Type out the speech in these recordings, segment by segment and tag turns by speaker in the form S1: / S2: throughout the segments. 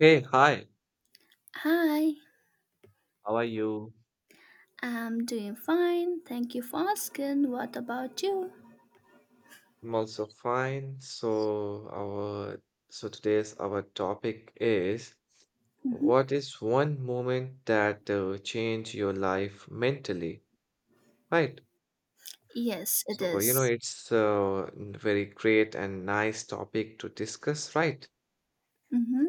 S1: Hey, hi.
S2: Hi,
S1: How are you?
S2: I'm doing fine. Thank you for asking. What about you?
S1: I'm also fine. So today's our topic is
S2: Mhm.
S1: what is one moment that changed your life mentally, right?
S2: Yes, it
S1: So you know
S2: is.
S1: it's a very great and nice topic to discuss, right?
S2: Mhm.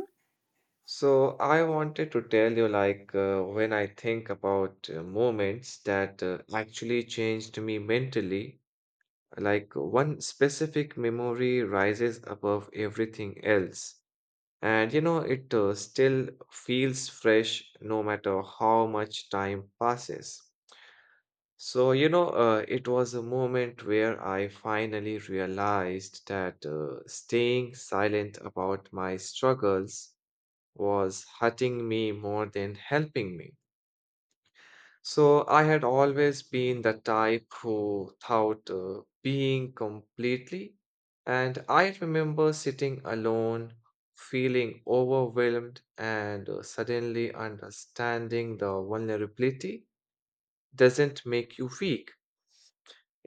S1: So I wanted to tell you like when I think about moments that actually changed me mentally. Like one specific memory rises above everything else. And you know, it still feels fresh no matter how much time passes. So, you know, it was a moment where I finally realized that staying silent about my struggles was hurting me more than helping me. So I had always been the type who thought being completely, and I remember sitting alone, feeling overwhelmed, and suddenly understanding the vulnerability doesn't make you weak.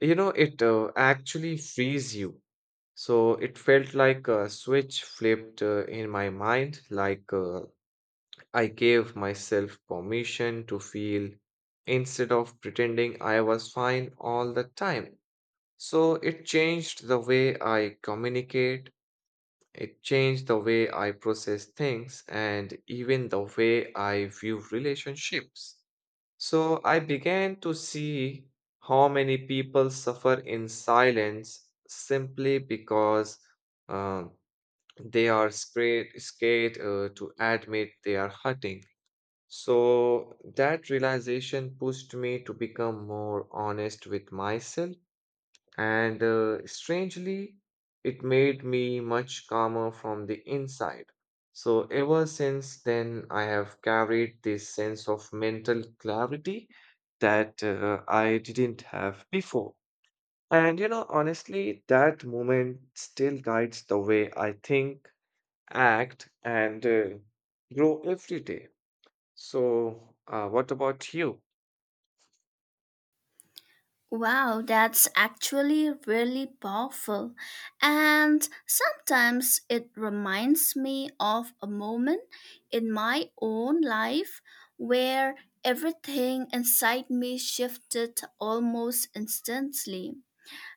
S1: You know, it actually frees you. So it felt like a switch flipped in my mind, like I gave myself permission to feel instead of pretending I was fine all the time. So it changed the way I communicate, it changed the way I process things, and even the way I view relationships. So I began to see how many people suffer in silence simply because um, they are scared to admit they are hurting. So that realization pushed me to become more honest with myself, and strangely, it made me much calmer from the inside. So ever since then, I have carried this sense of mental clarity that I didn't have before. And you know, honestly, that moment still guides the way I think, act, and grow every day. So, what about you?
S2: Wow, that's actually really powerful. And sometimes it reminds me of a moment in my own life where everything inside me shifted almost instantly.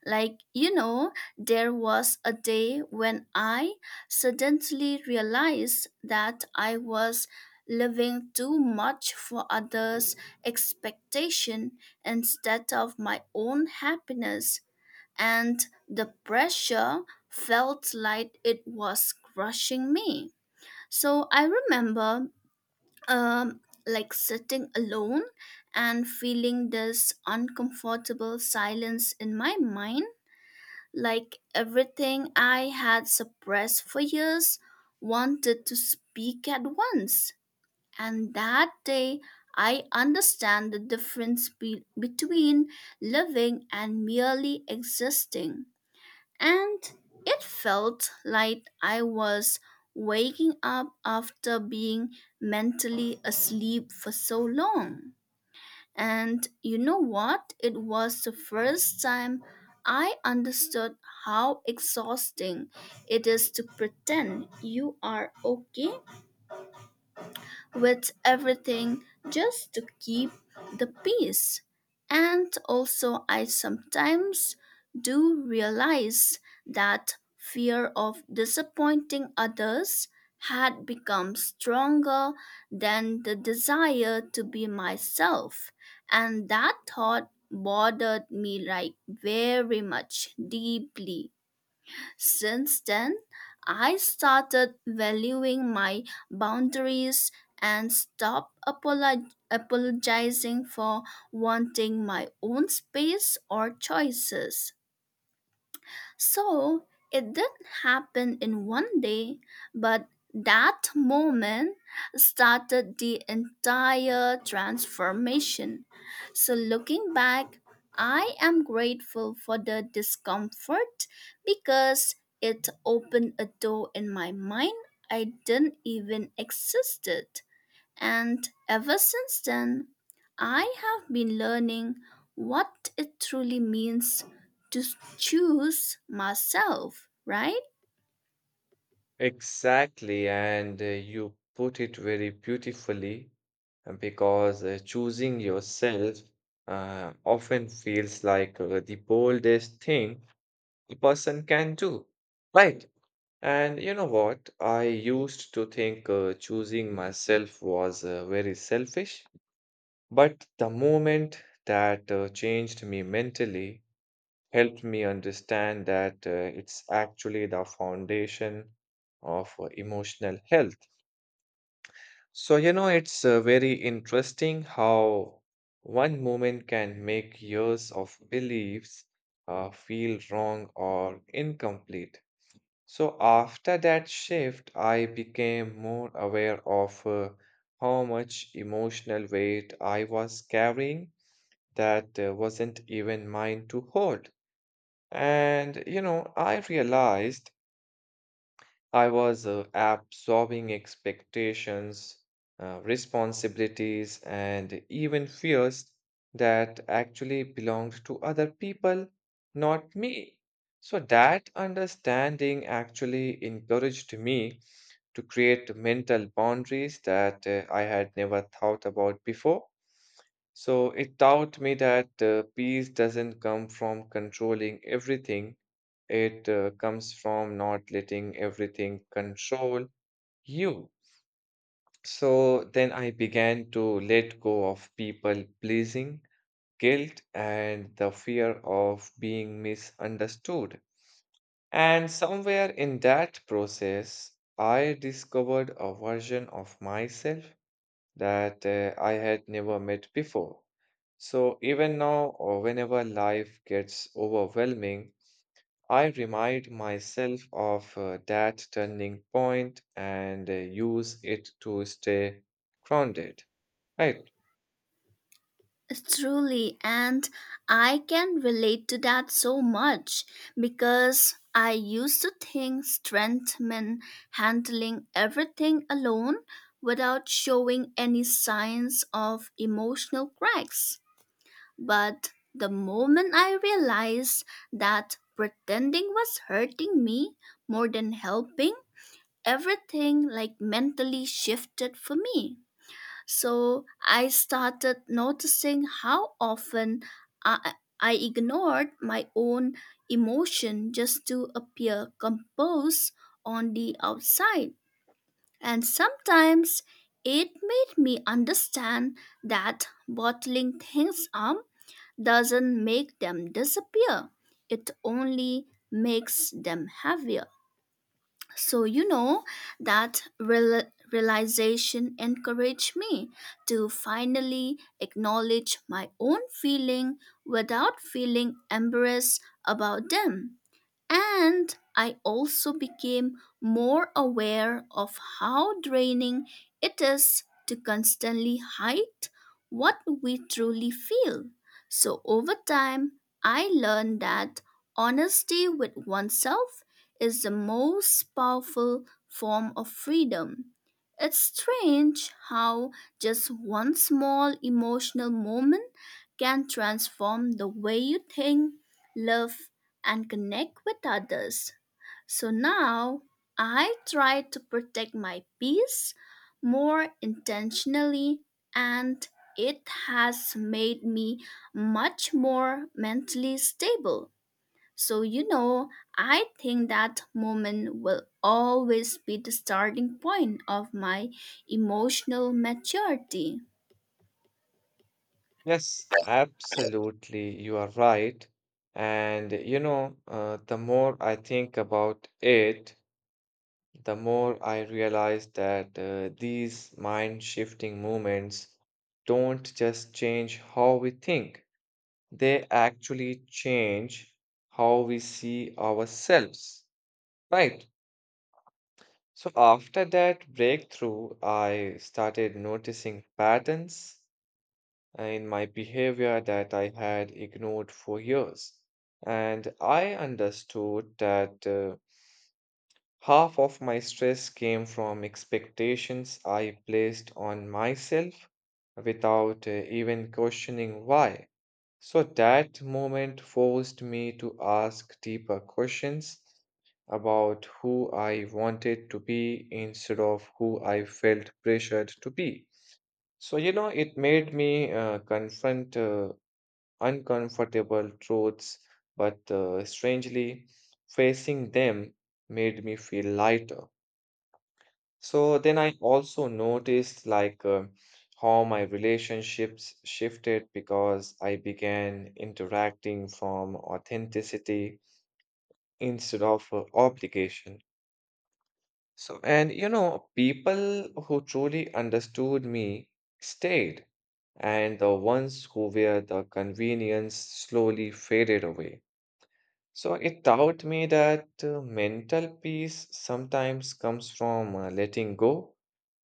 S2: Like, you know, there was a day when I suddenly realized that I was living too much for others' expectation instead of my own happiness, and the pressure felt like it was crushing me. So I remember um like sitting alone and feeling this uncomfortable silence in my mind, like everything I had suppressed for years wanted to speak at once. And that day, I understand the difference between living and merely existing. And it felt like I was waking up after being mentally asleep for so long. And you know what? It was the first time I understood how exhausting it is to pretend you are okay with everything just to keep the peace. And also, I sometimes do realize that fear of disappointing others had become stronger than the desire to be myself. And that thought bothered me like very much deeply. Since then, I started valuing my boundaries and stopped apologizing for wanting my own space or choices. So it didn't happen in one day, but that moment started the entire transformation. So looking back, I am grateful for the discomfort because it opened a door in my mind I didn't even existed. And ever since then, I have been learning what it truly means to choose myself, right?
S1: Exactly, and you put it very beautifully because choosing yourself often feels like the boldest thing a person can do, right? And you know what? I used to think choosing myself was very selfish, but the moment that changed me mentally, helped me understand that it's actually the foundation of emotional health. So, you know, it's very interesting how one moment can make years of beliefs feel wrong or incomplete. So, after that shift, I became more aware of how much emotional weight I was carrying that wasn't even mine to hold. And, you know, I realized I was absorbing expectations, responsibilities, and even fears that actually belonged to other people, not me. So that understanding actually encouraged me to create mental boundaries that I had never thought about before. So it taught me that peace doesn't come from controlling everything, it comes from not letting everything control you. So then I began to let go of people pleasing, guilt, and the fear of being misunderstood. And somewhere in that process, I discovered a version of myself that I had never met before. So even now, or whenever life gets overwhelming, I remind myself of that turning point and use it to stay grounded. Right.
S2: Truly, and I can relate to that so much because I used to think strength meant handling everything alone without showing any signs of emotional cracks. But the moment I realized that pretending was hurting me more than helping, everything like mentally shifted for me. So I started noticing how often I, I ignored my own emotion just to appear composed on the outside. And sometimes it made me understand that bottling things up doesn't make them disappear. It only makes them heavier. So, you know, that realization encouraged me to finally acknowledge my own feeling without feeling embarrassed about them. And I also became more aware of how draining it is to constantly hide what we truly feel. So over time, I learned that honesty with oneself is the most powerful form of freedom. It's strange how just one small emotional moment can transform the way you think, love, and connect with others. So now I try to protect my peace more intentionally, and it has made me much more mentally stable. So, you know, I think that moment will always be the starting point of my emotional maturity.
S1: Yes, absolutely. You are right. And you know, the more I think about it, the more I realize that these mind shifting moments don't just change how we think, they actually change how we see ourselves, right? So after that breakthrough, I started noticing patterns in my behavior that I had ignored for years. And I understood that half of my stress came from expectations I placed on myself without even questioning why. So that moment forced me to ask deeper questions about who I wanted to be instead of who I felt pressured to be. So, you know, it made me confront uncomfortable truths, but strangely, facing them made me feel lighter. So then I also noticed like how my relationships shifted because I began interacting from authenticity instead of obligation. So, and you know, people who truly understood me stayed, and the ones who were the convenience slowly faded away. So it taught me that mental peace sometimes comes from letting go,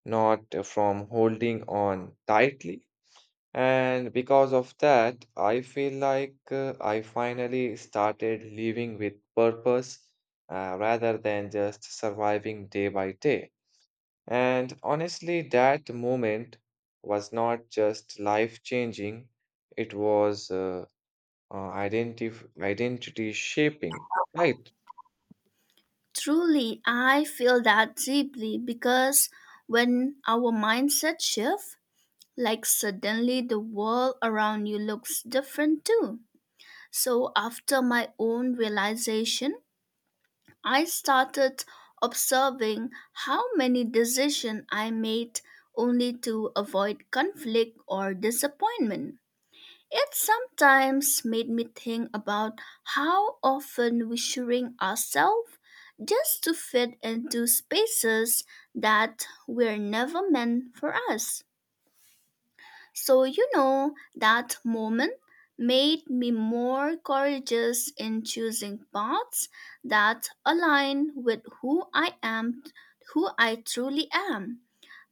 S1: not from holding on tightly. And because of that, I feel like I finally started living with purpose rather than just surviving day by day. And honestly, that moment was not just life changing, it was identity shaping, right?
S2: Truly, I feel that deeply because when our mindset shifts, like suddenly the world around you looks different too. So after my own realization, I started observing how many decisions I made only to avoid conflict or disappointment. It sometimes made me think about how often we shrink ourselves just to fit into spaces that were never meant for us. So, you know, that moment made me more courageous in choosing paths that align with who I am, who I truly am,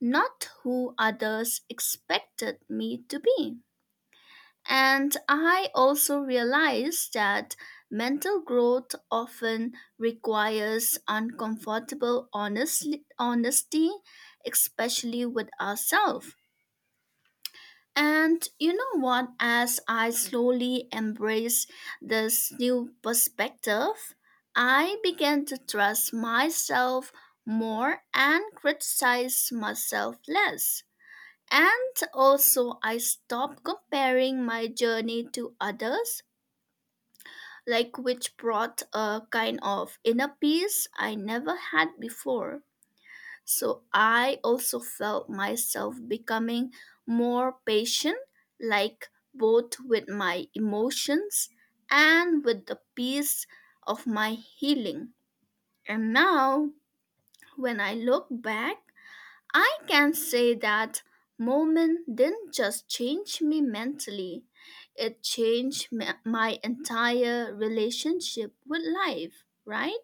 S2: not who others expected me to be. And I also realized that mental growth often requires uncomfortable honesty, especially with ourselves. And you know what? As I slowly embrace this new perspective, I began to trust myself more and criticize myself less. And also, I stopped comparing my journey to others, like, which brought a kind of inner peace I never had before. So I also felt myself becoming more patient, like both with my emotions and with the peace of my healing. And now, when I look back, I can say that moment didn't just change me mentally, it changed my entire relationship with life, right?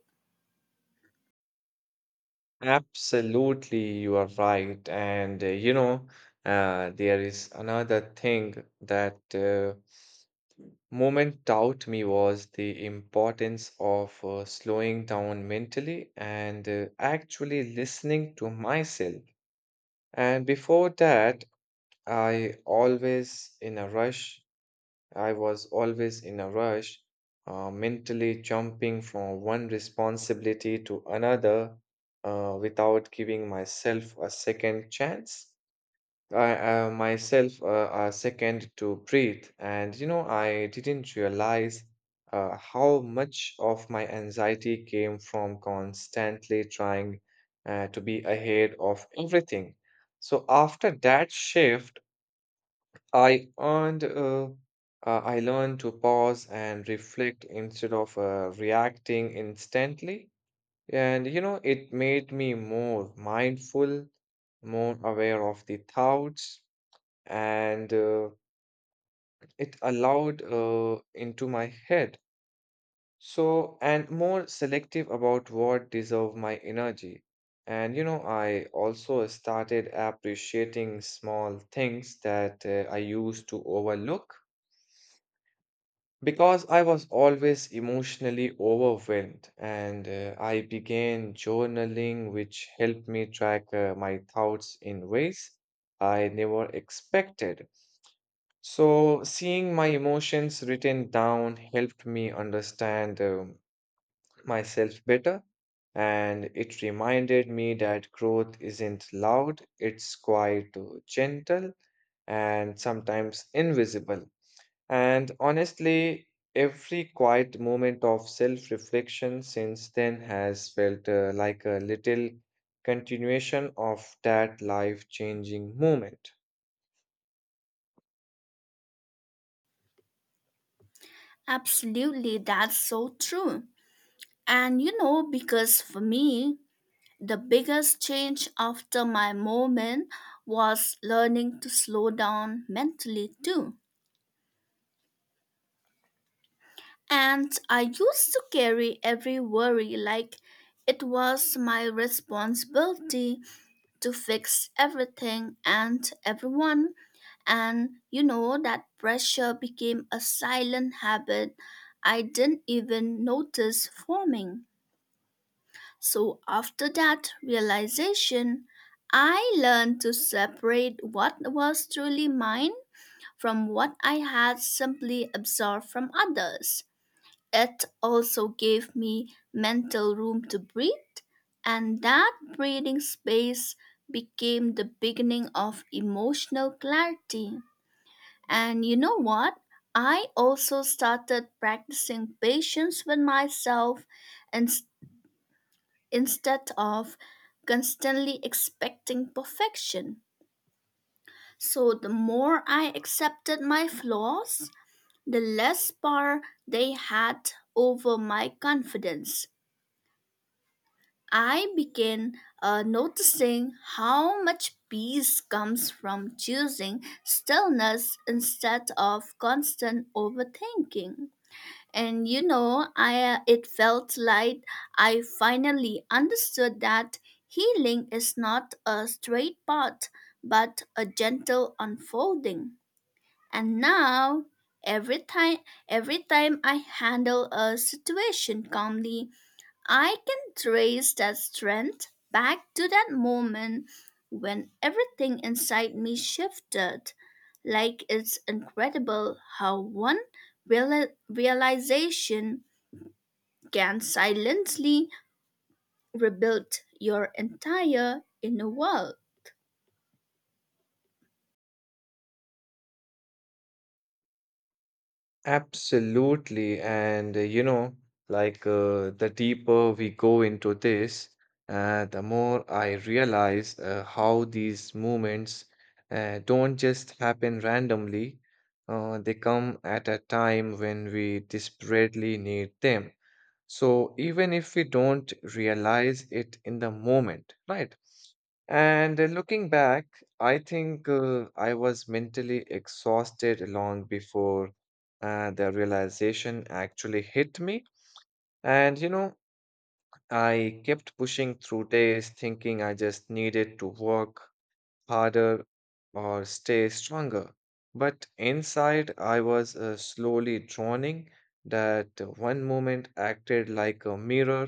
S1: Absolutely, you are right. And you know, there is another thing that moment taught me was the importance of slowing down mentally and actually listening to myself. And before that, I always in a rush I was always in a rush, mentally jumping from one responsibility to another without giving myself a second chance. I, myself a second to breathe. And you know, I didn't realize how much of my anxiety came from constantly trying to be ahead of everything. So after that shift, I earned, uh, uh, I learned to pause and reflect instead of reacting instantly. And you know, it made me more mindful, more aware of the thoughts, and it allowed into my head. So, and more selective about what deserve my energy. And you know, I also started appreciating small things that I used to overlook because I was always emotionally overwhelmed, and I began journaling, which helped me track my thoughts in ways I never expected. So, seeing my emotions written down helped me understand myself better, and it reminded me that growth isn't loud, it's quite gentle and sometimes invisible. And honestly, every quiet moment of self-reflection since then has felt like a little continuation of that life-changing moment.
S2: Absolutely, that's so true. And you know, because for me, the biggest change after my moment was learning to slow down mentally too. And I used to carry every worry like it was my responsibility to fix everything and everyone. And you know, that pressure became a silent habit I didn't even notice forming. So after that realization, I learned to separate what was truly mine from what I had simply absorbed from others. It also gave me mental room to breathe, and that breathing space became the beginning of emotional clarity. And you know what? I also started practicing patience with myself instead of constantly expecting perfection. So the more I accepted my flaws, the less power they had over my confidence. I began noticing how much peace comes from choosing stillness instead of constant overthinking. And you know, I it felt like I finally understood that healing is not a straight path, but a gentle unfolding. And now, every time every time I handle a situation calmly, I can trace that strength back to that moment when everything inside me shifted. Like, it's incredible how one realization can silently rebuild your entire inner world.
S1: Absolutely. And you know, like the deeper we go into this, the more I realize how these moments don't just happen randomly. They come at a time when we desperately need them, so even if we don't realize it in the moment, right? And looking back, I think I was mentally exhausted long before the realization actually hit me. And you know, I kept pushing through days thinking I just needed to work harder or stay stronger. But inside, I was slowly drowning. That one moment acted like a mirror,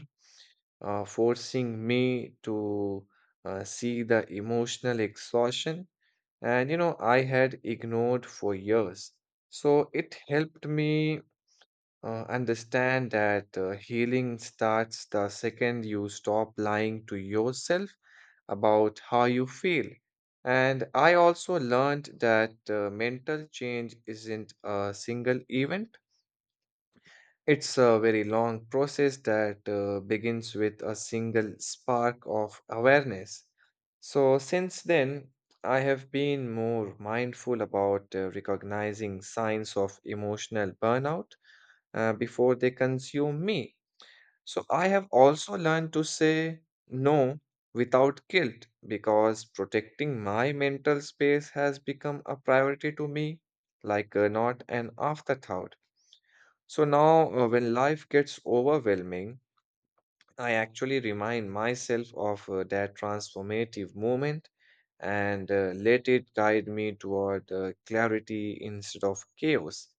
S1: forcing me to see the emotional exhaustion. And you know, I had ignored for years. So it helped me understand that healing starts the second you stop lying to yourself about how you feel. And I also learned that mental change isn't a single event. It's a very long process that begins with a single spark of awareness. So, since then, I have been more mindful about recognizing signs of emotional burnout before they consume me. So, I have also learned to say no without guilt because protecting my mental space has become a priority to me, like not an afterthought. So now, when life gets overwhelming, I actually remind myself of that transformative moment and let it guide me toward clarity instead of chaos.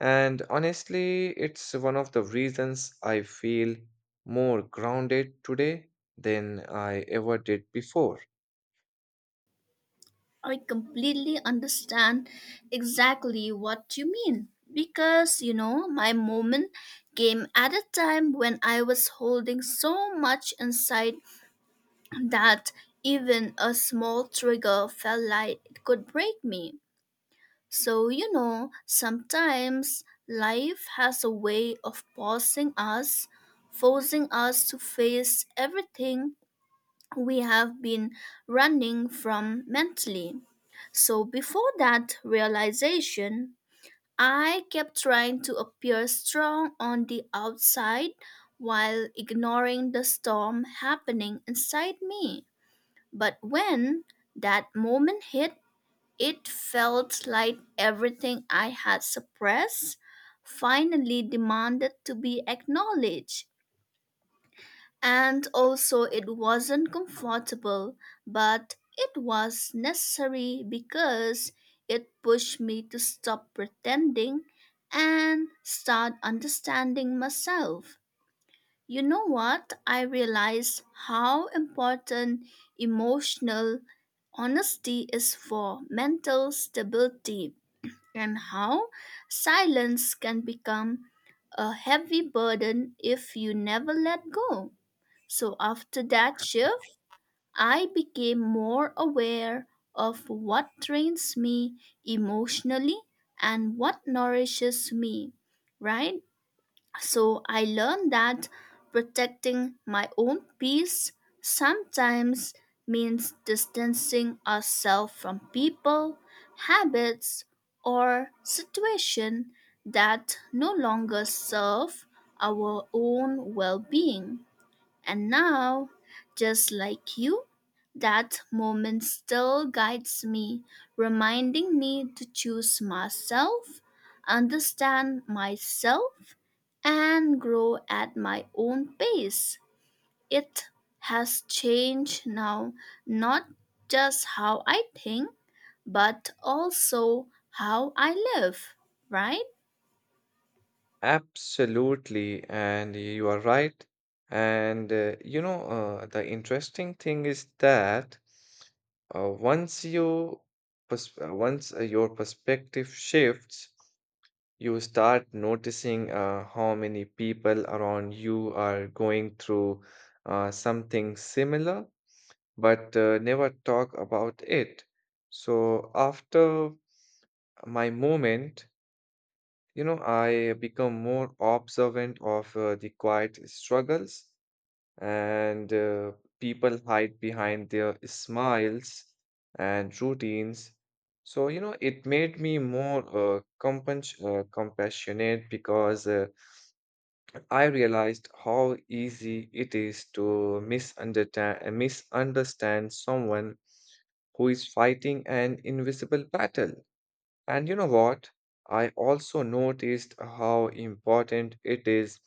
S1: And honestly, it's one of the reasons I feel more grounded today than I ever did before.
S2: I completely understand exactly what you mean, because you know my moment came at a time when I was holding so much inside that even a small trigger felt like it could break me. So, you know, sometimes life has a way of pausing us, forcing us to face everything we have been running from mentally. So, before that realization, I kept trying to appear strong on the outside while ignoring the storm happening inside me. But when that moment hit, it felt like everything I had suppressed finally demanded to be acknowledged. And also, it wasn't comfortable, but it was necessary because it pushed me to stop pretending and start understanding myself. You know what? I realized how important emotional honesty is for mental stability, and how silence can become a heavy burden if you never let go. So after that shift, I became more aware of what drains me emotionally and what nourishes me, right? So I learned that protecting my own peace sometimes means distancing ourselves from people, habits, or situation that no longer serve our own well-being. And now, just like you, that moment still guides me, reminding me to choose myself, understand myself, and grow at my own pace. It has changed now, not just how I think, but also how I live, right?
S1: Absolutely, and you are right. And you know, the interesting thing is that uh, once you once your perspective shifts, you start noticing how many people around you are going through something similar, but never talk about it. So after my moment, you know, I become more observant of the quiet struggles, and people hide behind their smiles and routines. So, you know, it made me more compassionate because I realized how easy it is to misunderstand someone who is fighting an invisible battle. And you know what? I also noticed how important it is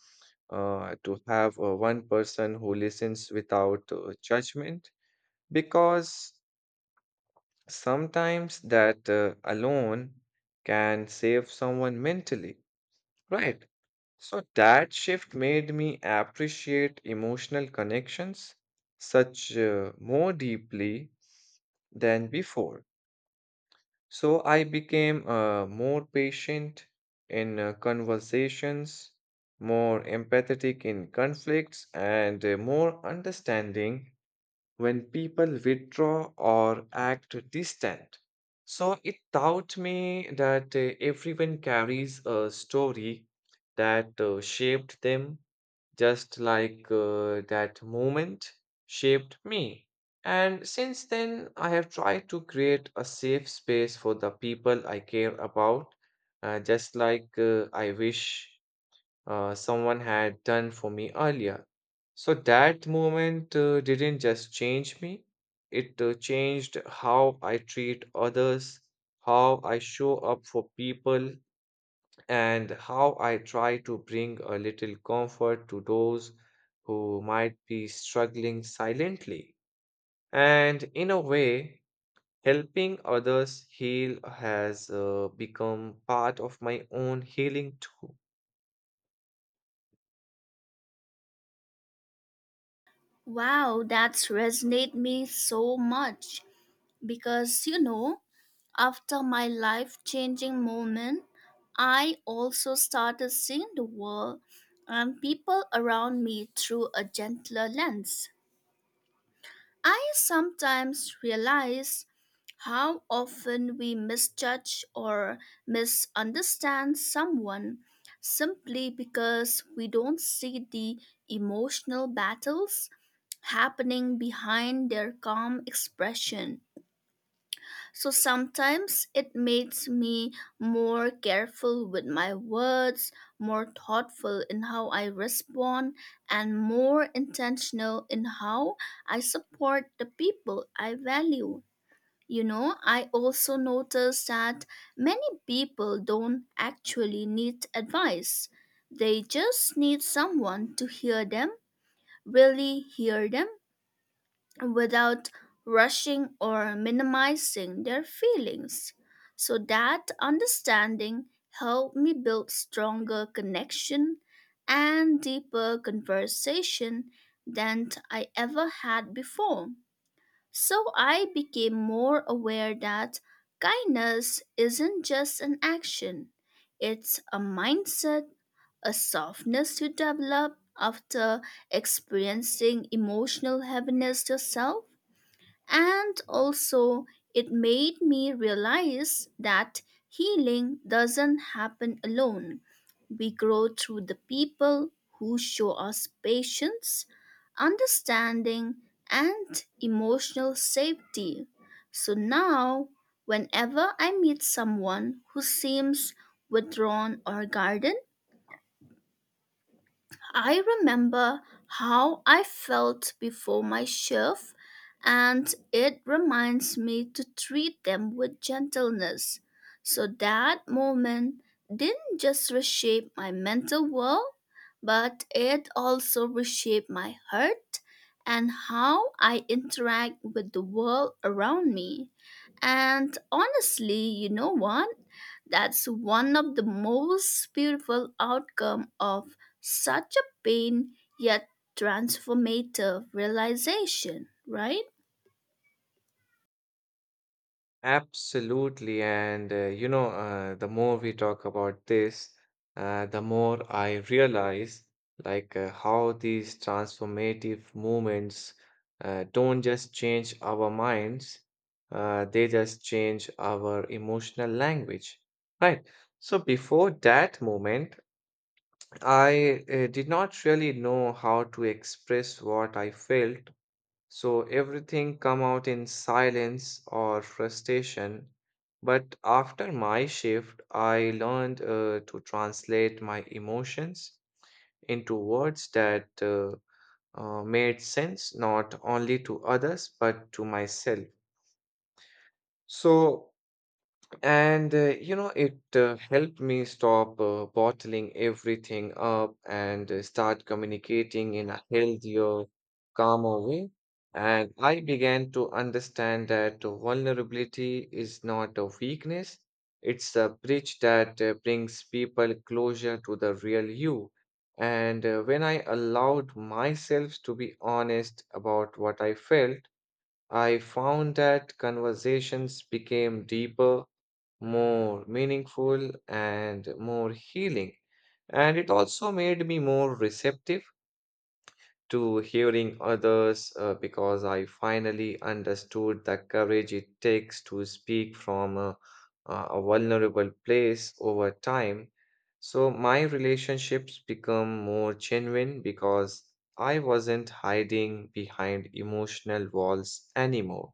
S1: to have one person who listens without judgment, because sometimes that alone can save someone mentally, right? So that shift made me appreciate emotional connections such more deeply than before. So I became more patient in conversations, more empathetic in conflicts, and more understanding when people withdraw or act distant. So it taught me that everyone carries a story that shaped them just like that moment shaped me. And since then, I have tried to create a safe space for the people I care about, just like I wish someone had done for me earlier. So that moment didn't just change me, it changed how I treat others, how I show up for people, and how I try to bring a little comfort to those who might be struggling silently. And in a way, helping others heal has become part of my own healing too.
S2: Wow, that's resonate me so much, because you know after my life changing moment I also started seeing the world and people around me through a gentler lens. I sometimes realize how often we misjudge or misunderstand someone simply because we don't see the emotional battles happening behind their calm expression. So sometimes it makes me more careful with my words, more thoughtful in how I respond, and more intentional in how I support the people I value. You know, I also notice that many people don't actually need advice. They just need someone to hear them, really hear them, without rushing or minimizing their feelings. So that understanding helped me build stronger connection and deeper conversation than I ever had before. So I became more aware that kindness isn't just an action, it's a mindset, a softness you develop after experiencing emotional heaviness yourself. And also, it made me realize that healing doesn't happen alone. We grow through the people who show us patience, understanding, and emotional safety. So now, whenever I meet someone who seems withdrawn or guarded, I remember how I felt before my shift, and it reminds me to treat them with gentleness. So that moment didn't just reshape my mental world, but it also reshaped my heart and how I interact with the world around me. And honestly, you know what? That's one of the most beautiful outcome of such a pain yet transformative realization, right?
S1: Absolutely. And, you know, the more we talk about this, the more I realize like how these transformative movements don't just change our minds, they just change our emotional language, right? So before that moment, I did not really know how to express what I felt, so everything come out in silence or frustration. But after my shift, I learned to translate my emotions into words that made sense not only to others but to myself. So and you know, it helped me stop bottling everything up and start communicating in a healthier, calmer way. And I began to understand that vulnerability is not a weakness, it's a bridge that brings people closer to the real you. And when I allowed myself to be honest about what I felt, I found that conversations became deeper, more meaningful and more healing. And it also made me more receptive to hearing others because I finally understood the courage it takes to speak from a vulnerable place over time. So my relationships become more genuine because I wasn't hiding behind emotional walls anymore.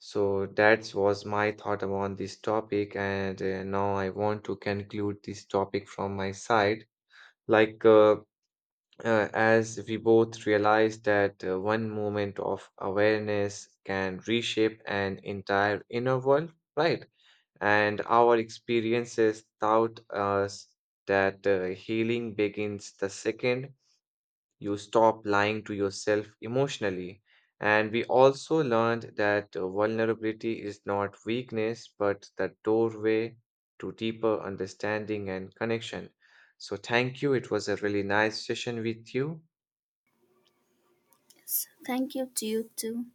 S1: So that was my thought about this topic, and now I want to conclude this topic from my side. Like, as we both realize that one moment of awareness can reshape an entire inner world, right? And our experiences taught us that healing begins the second you stop lying to yourself emotionally. And we also learned that vulnerability is not weakness, but the doorway to deeper understanding and connection. So, thank you. It was a really nice session with you.
S2: Yes. Thank you to you too.